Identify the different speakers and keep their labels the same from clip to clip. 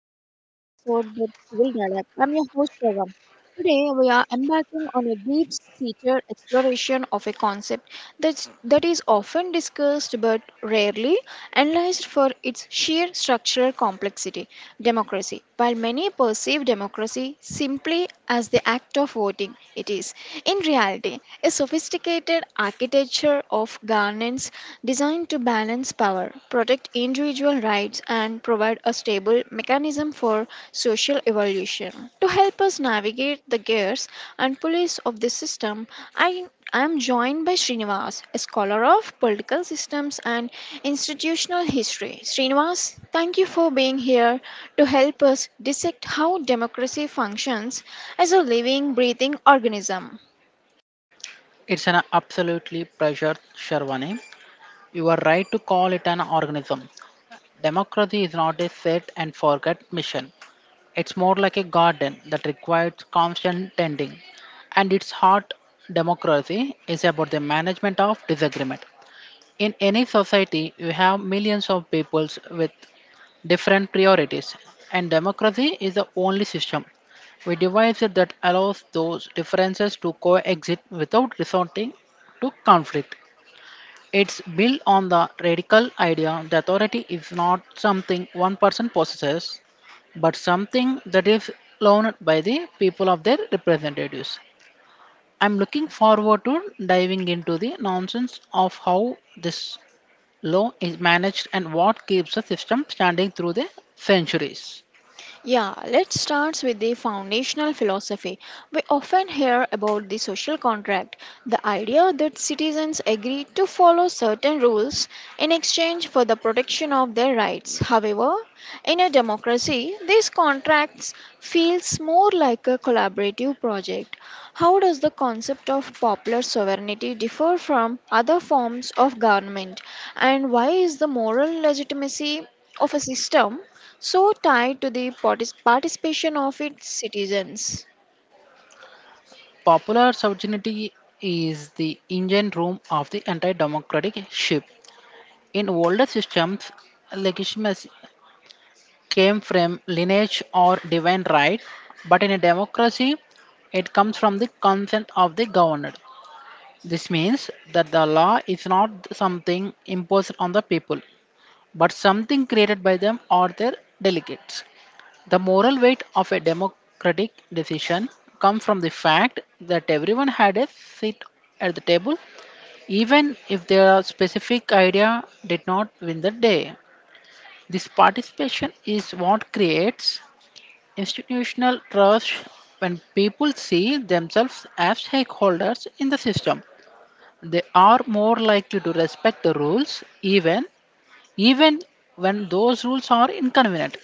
Speaker 1: to the another episode with Civil Dialogue. I'm your host Shravam. Today we are embarking on a deep-seated exploration of a concept that is often discussed but rarely analyzed for its sheer structural complexity, democracy. While many perceive democracy simply as the act of voting, it is, in reality, a sophisticated architecture of governance designed to balance power, protect individual rights and provide a stable mechanism for social evolution. To help us navigate the gears and pulleys of this system, I I am joined by Srinivas, a scholar of political systems and institutional history. Srinivas, thank you for being here to help us dissect how democracy functions as a living, breathing organism.
Speaker 2: It's an absolutely pleasure, Sharwani. You are right to call it an organism. Democracy is not a set and forget mission. It's more like a garden that requires constant tending. And its heart, democracy, is about the management of disagreement. In any society, you have millions of peoples with different priorities, and democracy is the only system we devised that allows those differences to coexist without resorting to conflict. It's built on the radical idea that authority is not something one person possesses, but something that is loaned by the people of their representatives. I'm looking forward to diving into the nonsense of how this law is managed and what keeps the system standing through the centuries.
Speaker 1: Yeah, let's start with the foundational philosophy. We often hear about the social contract, the idea that citizens agree to follow certain rules in exchange for the protection of their rights. However, in a democracy, these contracts feels more like a collaborative project. How does the concept of popular sovereignty differ from other forms of government, and why is the moral legitimacy of a system so tied to the participation of its citizens?
Speaker 2: Popular sovereignty is the engine room of the anti democratic ship. In older systems, legitimacy came from lineage or divine right, but in a democracy, it comes from the consent of the governed. This means that the law is not something imposed on the people, but something created by them or their delegates. The moral weight of a democratic decision comes from the fact that everyone had a seat at the table, even if their specific idea did not win the day. This participation is what creates institutional trust. When people see themselves as stakeholders in the system, they are more likely to respect the rules even when those rules are inconvenient.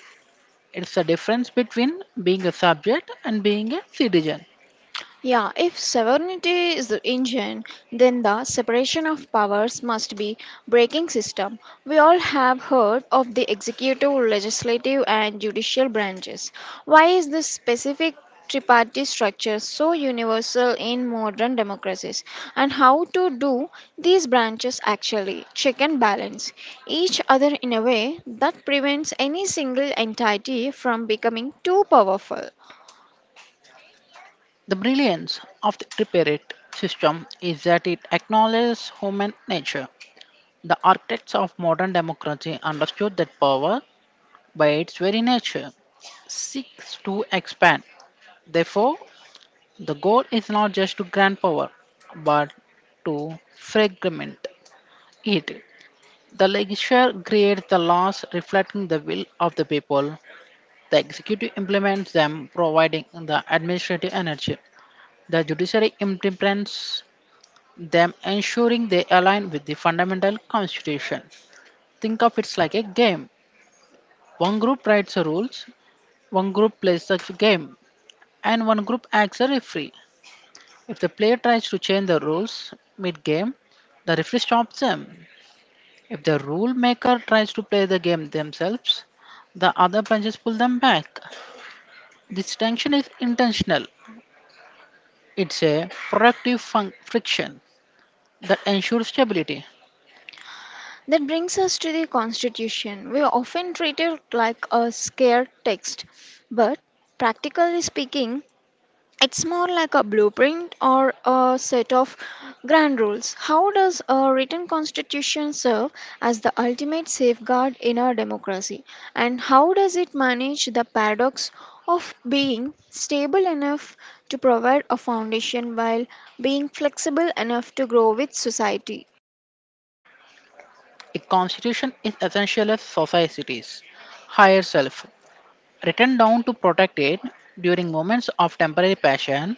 Speaker 2: It's the difference between being a subject and being a citizen.
Speaker 1: Yeah, if sovereignty is the engine, then the separation of powers must be breaking system. We all have heard of the executive, legislative and judicial branches. Why is this specific tripartite structure so universal in modern democracies, and how to do these branches actually check and balance each other in a way that prevents any single entity from becoming too powerful?
Speaker 2: The brilliance of the prepared system is that it acknowledges human nature. The architects of modern democracy understood that power, by its very nature, seeks to expand. Therefore, the goal is not just to grant power, but to fragment it. The legislature creates the laws reflecting the will of the people. The executive implements them, providing the administrative energy. The judiciary implements them, ensuring they align with the fundamental constitution. Think of it like a game. One group writes the rules, one group plays the game, and one group acts a referee. If the player tries to change the rules mid game, the referee stops them. If the rule maker tries to play the game themselves, the other benches pull them back. This tension is intentional. It's a productive friction that ensures stability.
Speaker 1: That brings us to the Constitution. We often treat it like a scare text, but practically speaking, it's more like a blueprint or a set of grand rules. How does a written constitution serve as the ultimate safeguard in a democracy? And how does it manage the paradox of being stable enough to provide a foundation while being flexible enough to grow with society?
Speaker 2: A constitution is essential as society's higher self, written down to protect it during moments of temporary passion.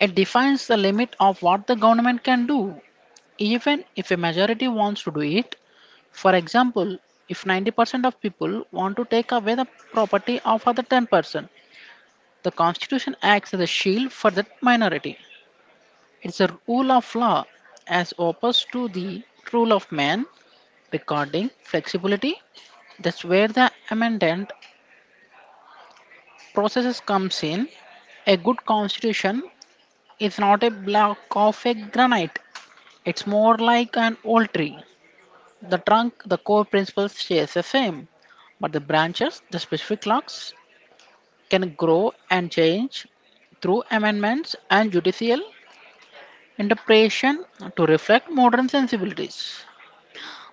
Speaker 2: It defines the limit of what the government can do, even if a majority wants to do it. For example, if 90% of people want to take away the property of other 10%, the Constitution acts as a shield for that minority. It's a rule of law as opposed to the rule of man. Regarding flexibility, that's where the amendment processes comes in. A good constitution is not a block of a granite. It's more like an old tree. The trunk, the core principles, stays the same, but the branches, the specific logs, can grow and change through amendments and judicial interpretation to reflect modern sensibilities.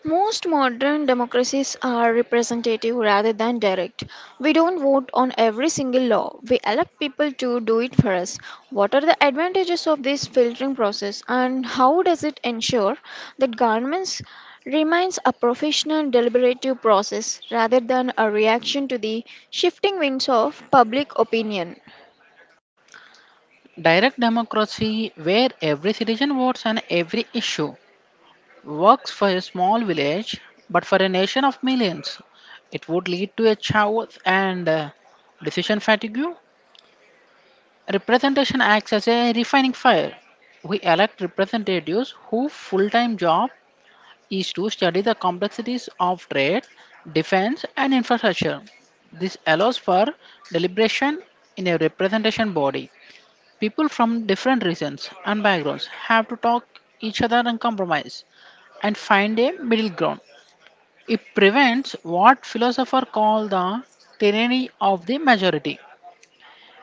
Speaker 1: Most modern democracies are representative rather than direct. We don't vote on every single law. We elect people to do it for us. What are the advantages of this filtering process, and how does it ensure that governments remains a professional deliberative process rather than a reaction to the shifting winds of public opinion?
Speaker 2: Direct democracy, where every citizen votes on every issue, works for a small village but for a nation of millions. It would lead to a chaos and decision fatigue. Representation acts as a refining fire. We elect representatives whose full time job is to study the complexities of trade, defense, and infrastructure. This allows for deliberation in a representation body. People from different regions and backgrounds have to talk each other and compromise and find a middle ground. It prevents what philosophers call the tyranny of the majority,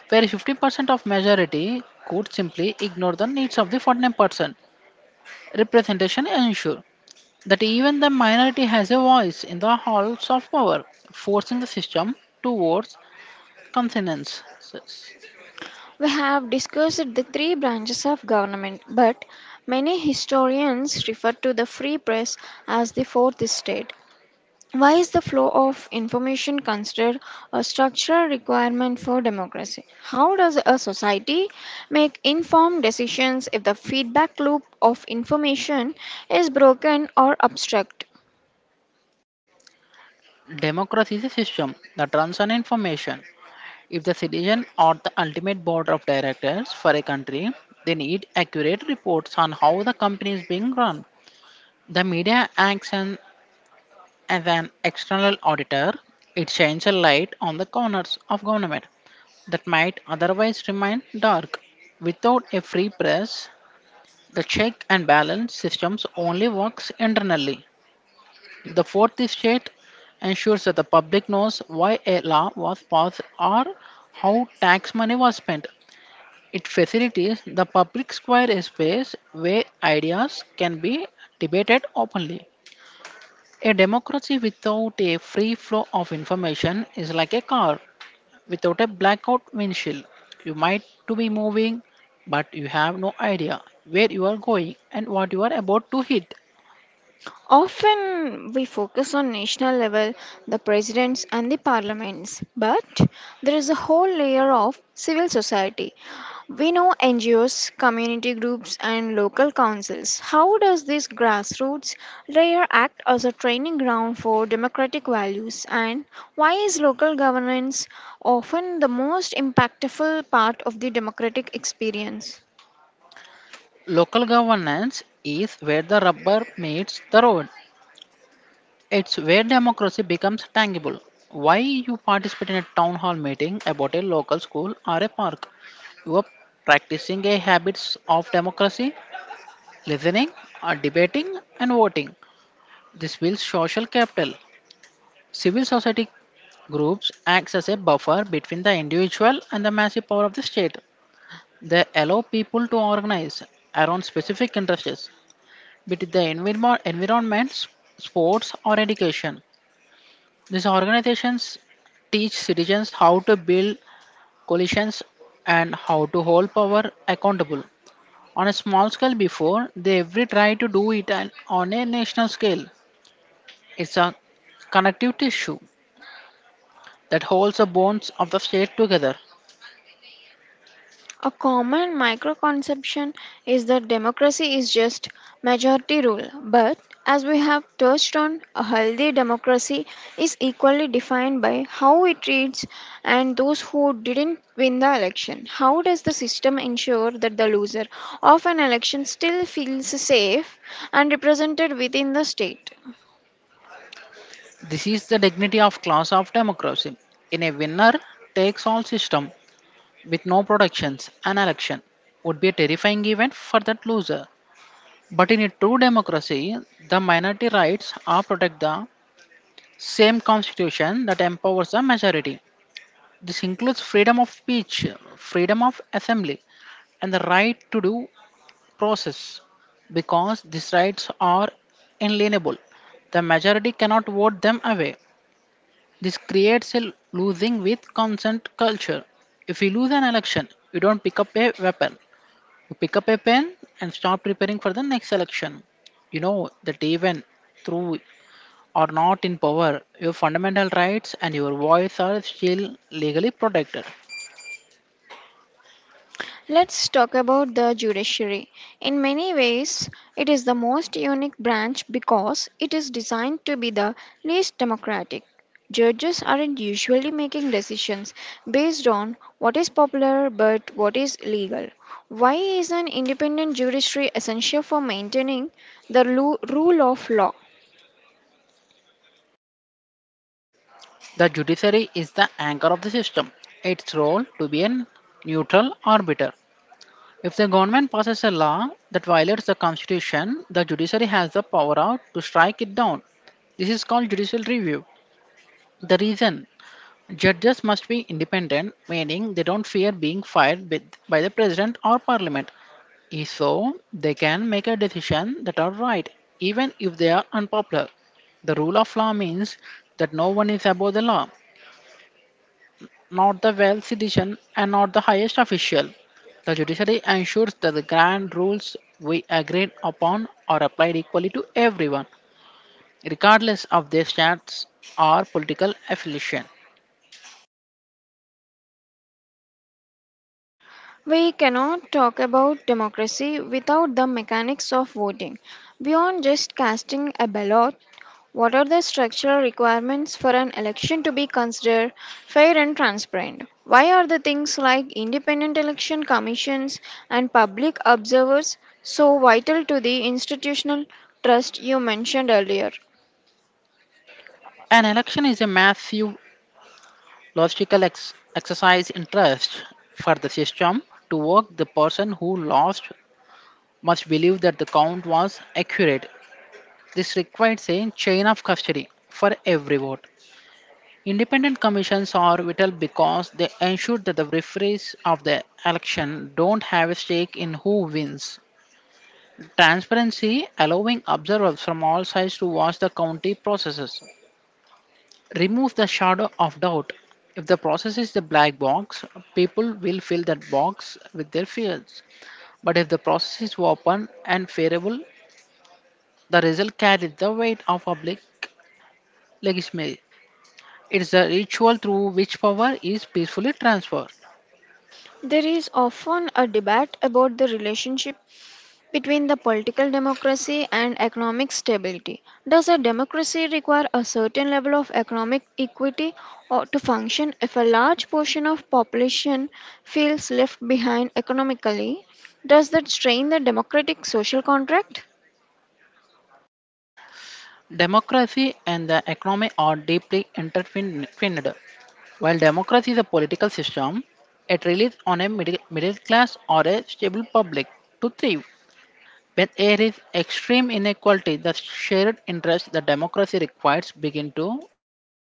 Speaker 2: where 50% of majority could simply ignore the needs of the 49% representation and ensure that even the minority has a voice in the halls of power, forcing the system towards consensus.
Speaker 1: We have discussed the three branches of government, but many historians refer to the free press as the fourth estate. Why is the flow of information considered a structural requirement for democracy? How does a society make informed decisions if the feedback loop of information is broken or obstructed?
Speaker 2: Democracy is a system that runs on information. If the citizen are the ultimate board of directors for a country, they need accurate reports on how the company is being run. The media acts as as an external auditor. It shines a light on the corners of government that might otherwise remain dark. Without a free press, the check and balance systems only works internally. The fourth estate ensures that the public knows why a law was passed or how tax money was spent. It facilitates the public square, a space where ideas can be debated openly. A democracy without a free flow of information is like a car without a blackout windshield. You might to be moving, but you have no idea where you are going and what you are about to hit.
Speaker 1: Often we focus on national level, the presidents and the parliaments, but there is a whole layer of civil society. We know NGOs, community groups, and local councils. How does this grassroots layer act as a training ground for democratic values, and why is local governance often the most impactful part of the democratic experience?
Speaker 2: Local governance is where the rubber meets the road. It's where democracy becomes tangible. Why you participate in a town hall meeting about a local school or a park? You are practicing a habits of democracy: listening, debating, and voting. This builds social capital. Civil society groups acts as a buffer between the individual and the massive power of the state. They allow people to organize around specific interests, be it the environment, sports, or education. These organizations teach citizens how to build coalitions and how to hold power accountable on a small scale before they ever try to do it on a national scale. It's a connective tissue that holds the bonds of the state together.
Speaker 1: A common microconception is that democracy is just majority rule, but as we have touched on, a healthy democracy is equally defined by how it treats and those who didn't win the election. How does the system ensure that the loser of an election still feels safe and represented within the state?
Speaker 2: This is the dignity of class of democracy. In a winner takes all system with no protections, an election would be a terrifying event for that loser. But in a true democracy, the minority rights are protect the same constitution that empowers the majority. This includes freedom of speech, freedom of assembly, and the right to do process, because these rights are inalienable. The majority cannot vote them away. This creates a losing with consent culture. If you lose an election, you don't pick up a weapon. You pick up a pen and start preparing for the next election. You know that even through or not in power, your fundamental rights and your voice are still legally protected.
Speaker 1: Let's talk about the judiciary. In many ways, it is the most unique branch because it is designed to be the least democratic. Judges aren't usually making decisions based on what is popular but what is legal. Why is an independent judiciary essential for maintaining the rule of law?
Speaker 2: The judiciary is the anchor of the system. Its role to be a neutral arbiter. If the government passes a law that violates the constitution, the judiciary has the power out to strike it down. This is called judicial review. The reason judges must be independent, meaning they don't fear being fired with, by the president or parliament. If so, they can make a decision that are right, even if they are unpopular. The rule of law means that no one is above the law, not the wealth citizen and not the highest official. The judiciary ensures that the grand rules we agreed upon are applied equally to everyone, regardless of their status or political affiliation.
Speaker 1: We cannot talk about democracy without the mechanics of voting. Beyond just casting a ballot, what are the structural requirements for an election to be considered fair and transparent? Why are the things like independent election commissions and public observers so vital to the institutional trust you mentioned earlier?
Speaker 2: An election is a massive logistical exercise in trust. For the system to work, the person who lost must believe that the count was accurate. This requires a chain of custody for every vote. Independent commissions are vital because they ensure that the referees of the election don't have a stake in who wins. Transparency, allowing observers from all sides to watch the county processes, remove the shadow of doubt. If the process is the black box, people will fill that box with their fears. But if the process is open and favorable, the result carries the weight of public legitimacy. It is the ritual through which power is peacefully transferred.
Speaker 1: There is often a debate about the relationship between the political democracy and economic stability. Does a democracy require a certain level of economic equity or to function if a large portion of population feels left behind economically? Does that strain the democratic social contract?
Speaker 2: Democracy and the economy are deeply intertwined. While democracy is a political system, it relies on a middle class or a stable public to thrive. When there is extreme inequality, the shared interests that democracy requires begin to fray.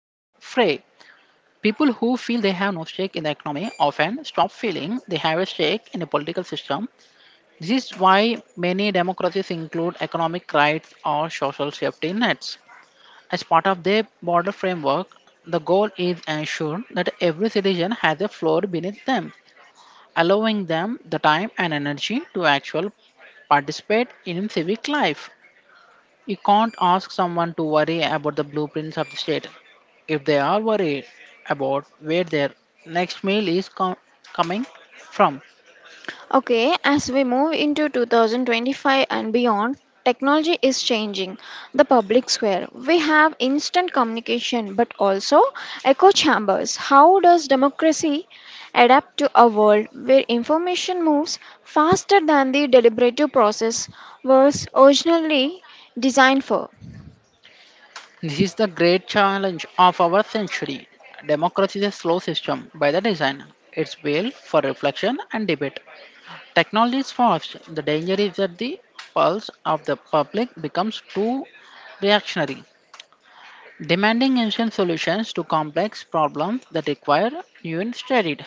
Speaker 2: People who feel they have no stake in the economy often stop feeling they have a stake in a political system. This is why many democracies include economic rights or social safety nets. As part of their border framework, the goal is ensure that every citizen has a floor beneath them, allowing them the time and energy to actually participate in civic life. You can't ask someone to worry about the blueprints of the state if they are worried about where their next meal is coming from.
Speaker 1: Okay, as we move into 2025 and beyond, technology is changing the public square. We have instant communication but also echo chambers. How does democracy adapt to a world where information moves faster than the deliberative process was originally designed for?
Speaker 2: This is the great challenge of our century. Democracy is a slow system by the design. It's built for reflection and debate. Technology is fast. The danger is that the pulse of the public becomes too reactionary, demanding instant solutions to complex problems that require human studied.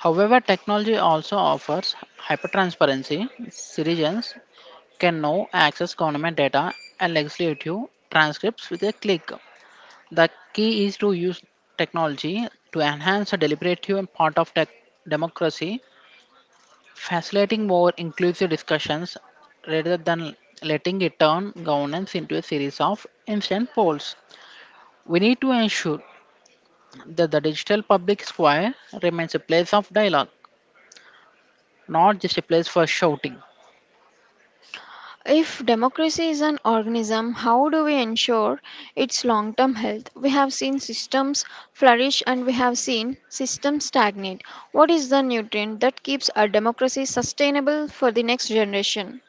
Speaker 2: However, technology also offers hypertransparency. Citizens can now access government data and legislative transcripts with a click. The key is to use technology to enhance the deliberative part of tech democracy, facilitating more inclusive discussions rather than letting it turn governance into a series of instant polls. We need to ensure that the digital public square remains a place of dialogue, not just a place for shouting.
Speaker 1: If democracy is an organism, how do we ensure its long term health? We have seen systems flourish and we have seen systems stagnate. What is the nutrient that keeps our democracy sustainable for the next generation?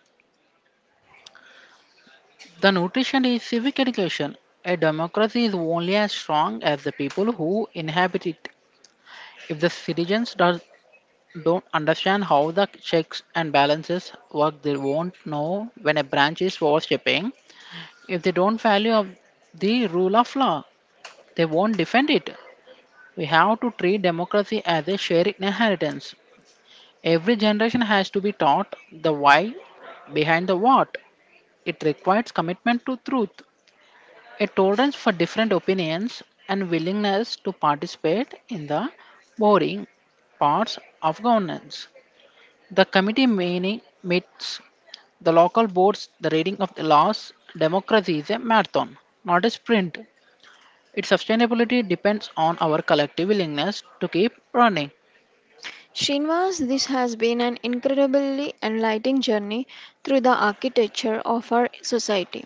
Speaker 2: The nutrition is civic education. A democracy is only as strong as the people who inhabit it. If don't understand how the checks and balances work, they won't know when a branch is overstepping. If they don't value of the rule of law, they won't defend it. We have to treat democracy as a shared inheritance. Every generation has to be taught the why behind the what. It requires commitment to truth, a tolerance for different opinions, and willingness to participate in the boring parts of governance. The committee meeting meets the local boards, the reading of the laws, democracy is a marathon, not a sprint. Its sustainability depends on our collective willingness to keep running.
Speaker 1: Srinivas, this has been an incredibly enlightening journey through the architecture of our society.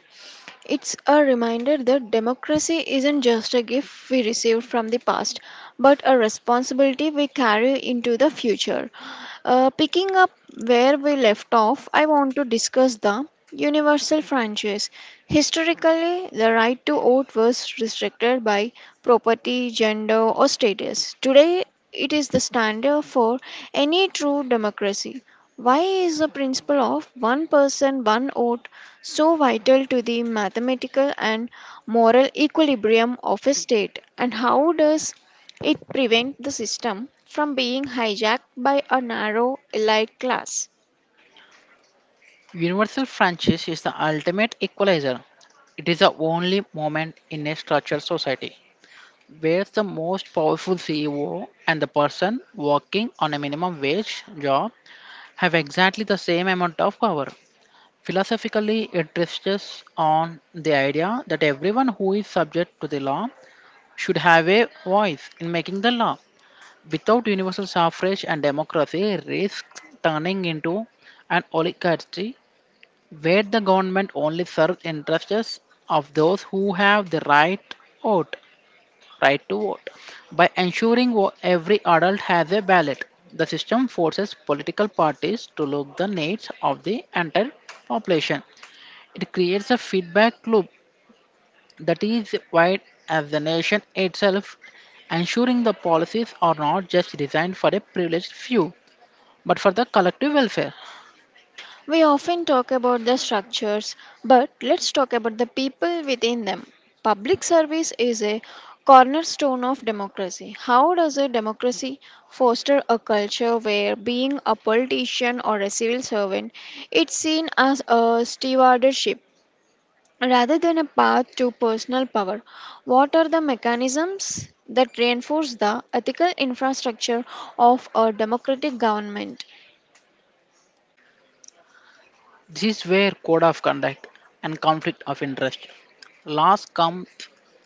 Speaker 1: It's a reminder that democracy isn't just a gift we received from the past, but a responsibility we carry into the future. Picking up where we left off, I want to discuss the universal franchise. Historically, the right to vote was restricted by property, gender, or status. Today, it is the standard for any true democracy. Why is the principle of one person, one vote so vital to the mathematical and moral equilibrium of a state? And how does it prevents the system from being hijacked by a narrow elite class?
Speaker 2: Universal franchise is the ultimate equalizer. It is the only moment in a structured society where the most powerful CEO and the person working on a minimum wage job have exactly the same amount of power. Philosophically, it rests on the idea that everyone who is subject to the law should have a voice in making the law. Without universal suffrage and democracy risks turning into an oligarchy where the government only serves interests of those who have the vote, right to vote. By ensuring every adult has a ballot, the system forces political parties to look the needs of the entire population. It creates a feedback loop that is wide as the nation itself, ensuring the policies are not just designed for a privileged few but for the collective welfare.
Speaker 1: We often talk about the structures, but let's talk about the people within them. Public service is a cornerstone of democracy. How does a democracy foster a culture where being a politician or a civil servant is seen as a stewardship rather than a path to personal power? What are the mechanisms that reinforce the ethical infrastructure of a democratic government?
Speaker 2: This is where code of conduct and conflict of interest laws come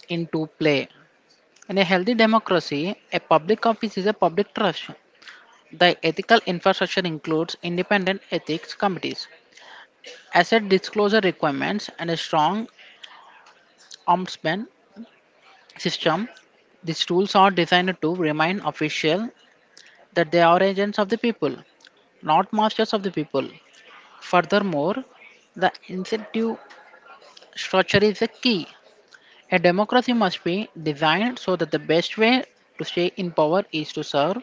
Speaker 2: into play. In a healthy democracy, a public office is a public trust. The ethical infrastructure includes independent ethics committees, asset disclosure requirements, and a strong ombudsman system. These tools are designed to remind officials that they are agents of the people, not masters of the people. Furthermore, the incentive structure is the key. A democracy must be designed so that the best way to stay in power is to serve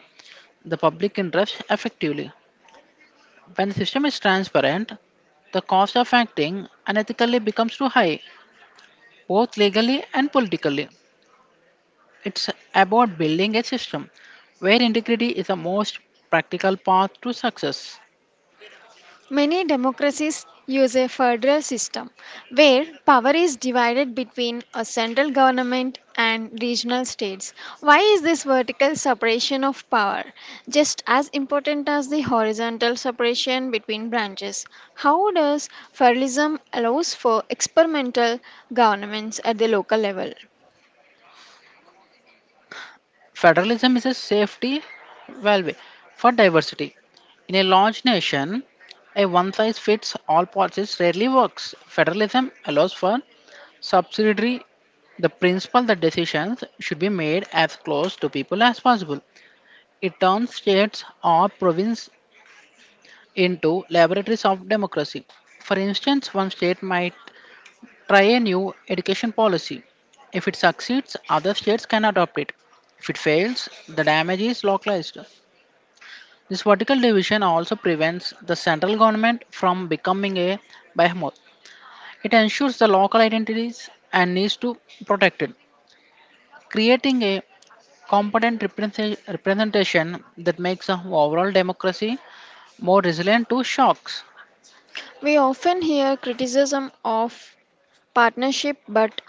Speaker 2: the public interest effectively. When the system is transparent, the cost of acting unethically becomes too high, both legally and politically. It's about building a system where integrity is the most practical path to success.
Speaker 1: Many democracies use a federal system where power is divided between a central government and regional states. Why is this vertical separation of power just as important as the horizontal separation between branches? How does federalism allows for experimental governments at the local level?
Speaker 2: Federalism is a safety valve for diversity. In a large nation, a one size fits all policies rarely works. Federalism allows for subsidiary, the principle that decisions should be made as close to people as possible. It turns states or provinces into laboratories of democracy. For instance, one state might try a new education policy. If it succeeds, other states can adopt it. If it fails, the damage is localized. This vertical division also prevents the central government from becoming a behemoth. It ensures the local identities and needs to protect it, creating a competent representation that makes the overall democracy more resilient to shocks.
Speaker 1: We often hear criticism of partnership, but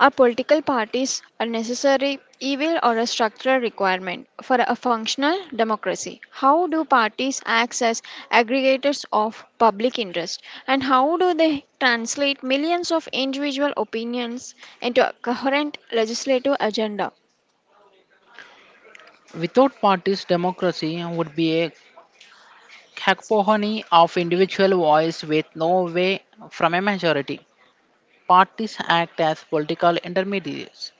Speaker 1: are political parties a necessary evil or a structural requirement for a functional democracy? How do parties act as aggregators of public interest, and how do they translate millions of individual opinions into a coherent legislative agenda?
Speaker 2: Without parties, democracy would be a cacophony of individual voice with no way from a majority. Parties act as political intermediaries.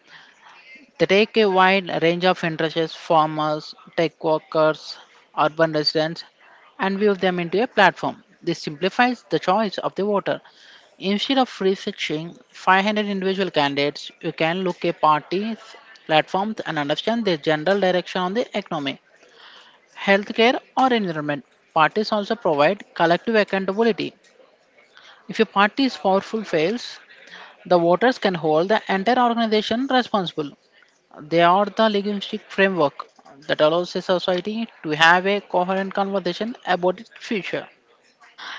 Speaker 2: They take a wide range of interests, farmers, tech workers, urban residents, and weave them into a platform. This simplifies the choice of the voter. Instead of researching 500 individual candidates, you can look at parties, platforms, and understand their general direction on the economy, healthcare, or environment. Parties also provide collective accountability. If a party's powerful fails, the voters can hold the entire organization responsible. They are the linguistic framework that allows a society to have a coherent conversation about its future.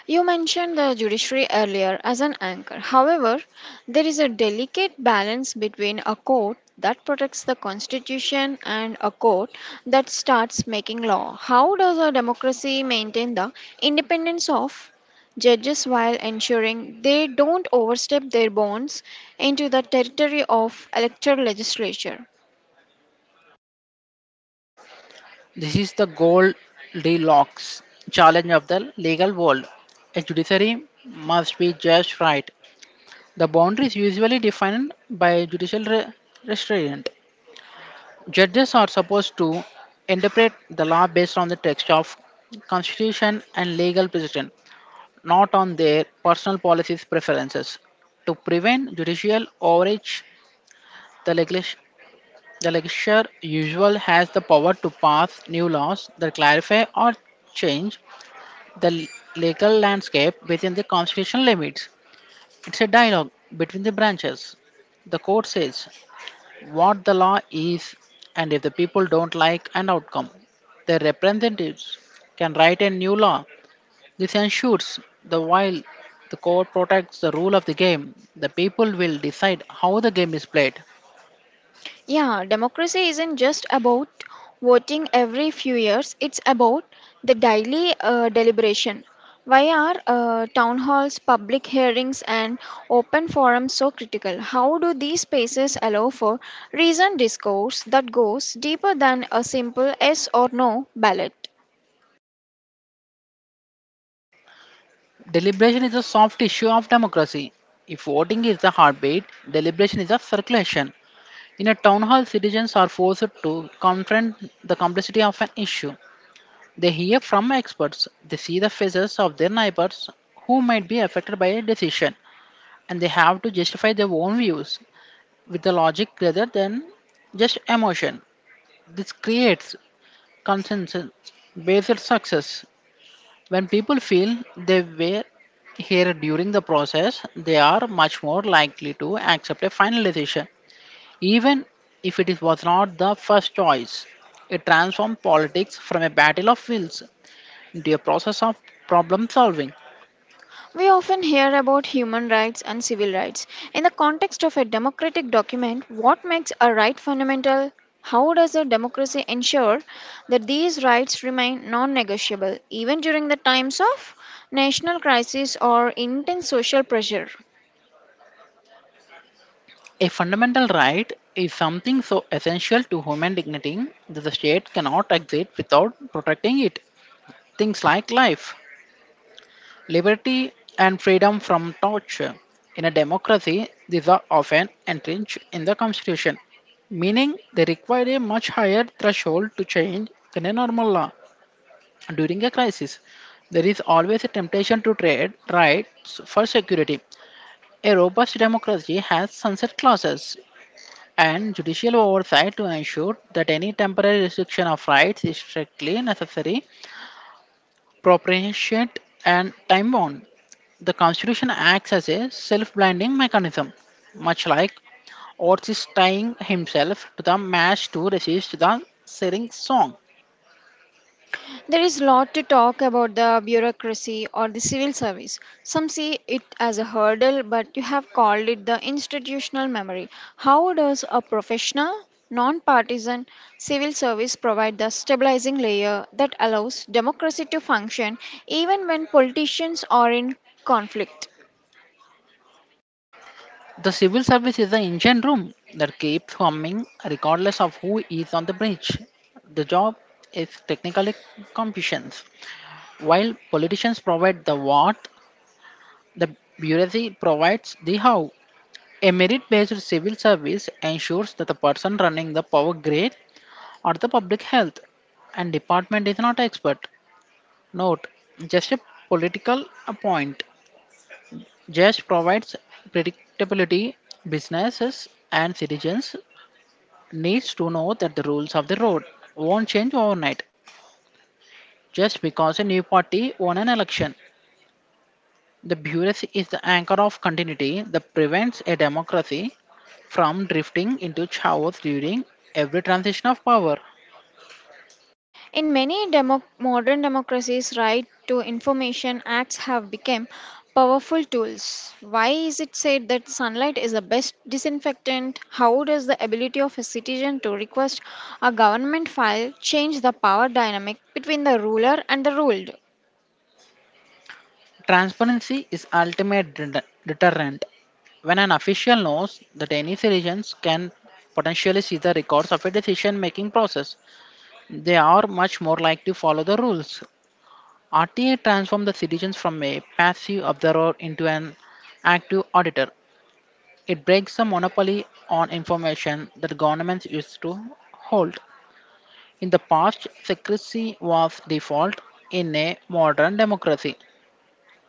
Speaker 1: You mentioned the judiciary earlier as an anchor. However, there is a delicate balance between a court that protects the constitution and a court that starts making law. How does a democracy maintain the independence of judges while ensuring they don't overstep their bounds into the territory of electoral legislature?
Speaker 2: This is the Goldilocks challenge of the legal world. A judiciary must be judged right. The boundary is usually defined by judicial restraint. Judges are supposed to interpret the law based on the text of constitution and legal precedent, not on their personal policies preferences. To prevent judicial overreach, The, legis- the legislature usually has the power to pass new laws that clarify or change the legal landscape within the constitutional limits. It's a dialogue between the branches. The court says what the law is, and if the people don't like an outcome, their representatives can write a new law. This ensures that while the court protects the rule of the game, the people will decide how the game is played.
Speaker 1: Yeah, democracy isn't just about voting every few years, it's about the daily deliberation. Why are town halls, public hearings, and open forums so critical? How do these spaces allow for reasoned discourse that goes deeper than a simple yes or no ballot?
Speaker 2: Deliberation is a soft issue of democracy. If voting is the heartbeat, deliberation is a circulation. In a town hall, citizens are forced to confront the complexity of an issue. They hear from experts, they see the faces of their neighbors who might be affected by a decision, and they have to justify their own views with the logic rather than just emotion. This creates consensus based success. When people feel they were here during the process, they are much more likely to accept a final decision, even if it is- was not the first choice. It transforms politics from a battle of wills into a process of problem solving.
Speaker 1: We often hear about human rights and civil rights. In the context of a democratic document, what makes a right fundamental? How does a democracy ensure that these rights remain non negotiable even during the times of national crisis or intense social pressure?
Speaker 2: A fundamental right is something so essential to human dignity that the state cannot exist without protecting it. Things like life, liberty and freedom from torture. In a democracy, these are often entrenched in the constitution, meaning they require a much higher threshold to change than a normal law. During a crisis, there is always a temptation to trade rights for security. A robust democracy has sunset clauses and judicial oversight to ensure that any temporary restriction of rights is strictly necessary propitiate, and time bound. The Constitution acts as a self blinding mechanism, much like Ortiz tying himself to the mast to resist the searing song.
Speaker 1: There is lot to talk about the bureaucracy or the civil service. Some see it as a hurdle, but you have called it the institutional memory. How does a professional, non-partisan civil service provide the stabilizing layer that allows democracy to function even when politicians are in conflict?
Speaker 2: The civil service is the engine room that keeps humming regardless of who is on the bridge. The job is technically competence. While politicians provide the what, the bureaucracy provides the how. A merit based civil service ensures that the person running the power grid or the public health. And department is not expert. Note, just a political point. Just provides predictability. Businesses and citizens needs to know that the rules of the road won't change overnight just because a new party won an election. The bureaucracy is the anchor of continuity that prevents a democracy from drifting into chaos during every transition of power.
Speaker 1: In many modern democracies, right to information acts have become powerful tools. Why is it said that sunlight is the best disinfectant? How does the ability of a citizen to request a government file change the power dynamic between the ruler and the ruled?
Speaker 2: Transparency is ultimate deterrent. When an official knows that any citizens can potentially see the records of a decision-making process, they are much more likely to follow the rules. RTA transforms the citizens from a passive observer into an active auditor. It breaks the monopoly on information that governments used to hold. In the past, secrecy was default in a modern democracy.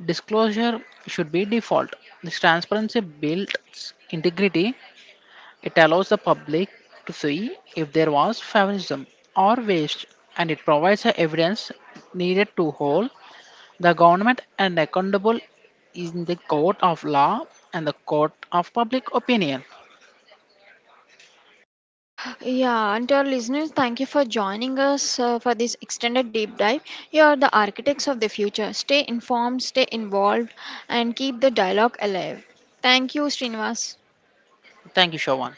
Speaker 2: Disclosure should be default. This transparency builds integrity. It allows the public to see if there was favoritism or waste, and it provides the evidence needed to hold the government and accountable in the court of law and the court of public opinion.
Speaker 1: Yeah, and to our listeners, thank you for joining us for this extended deep dive. You are the architects of the future. Stay informed, stay involved, and keep the dialogue alive. Thank you, Srinivas.
Speaker 2: Thank you, Shovan.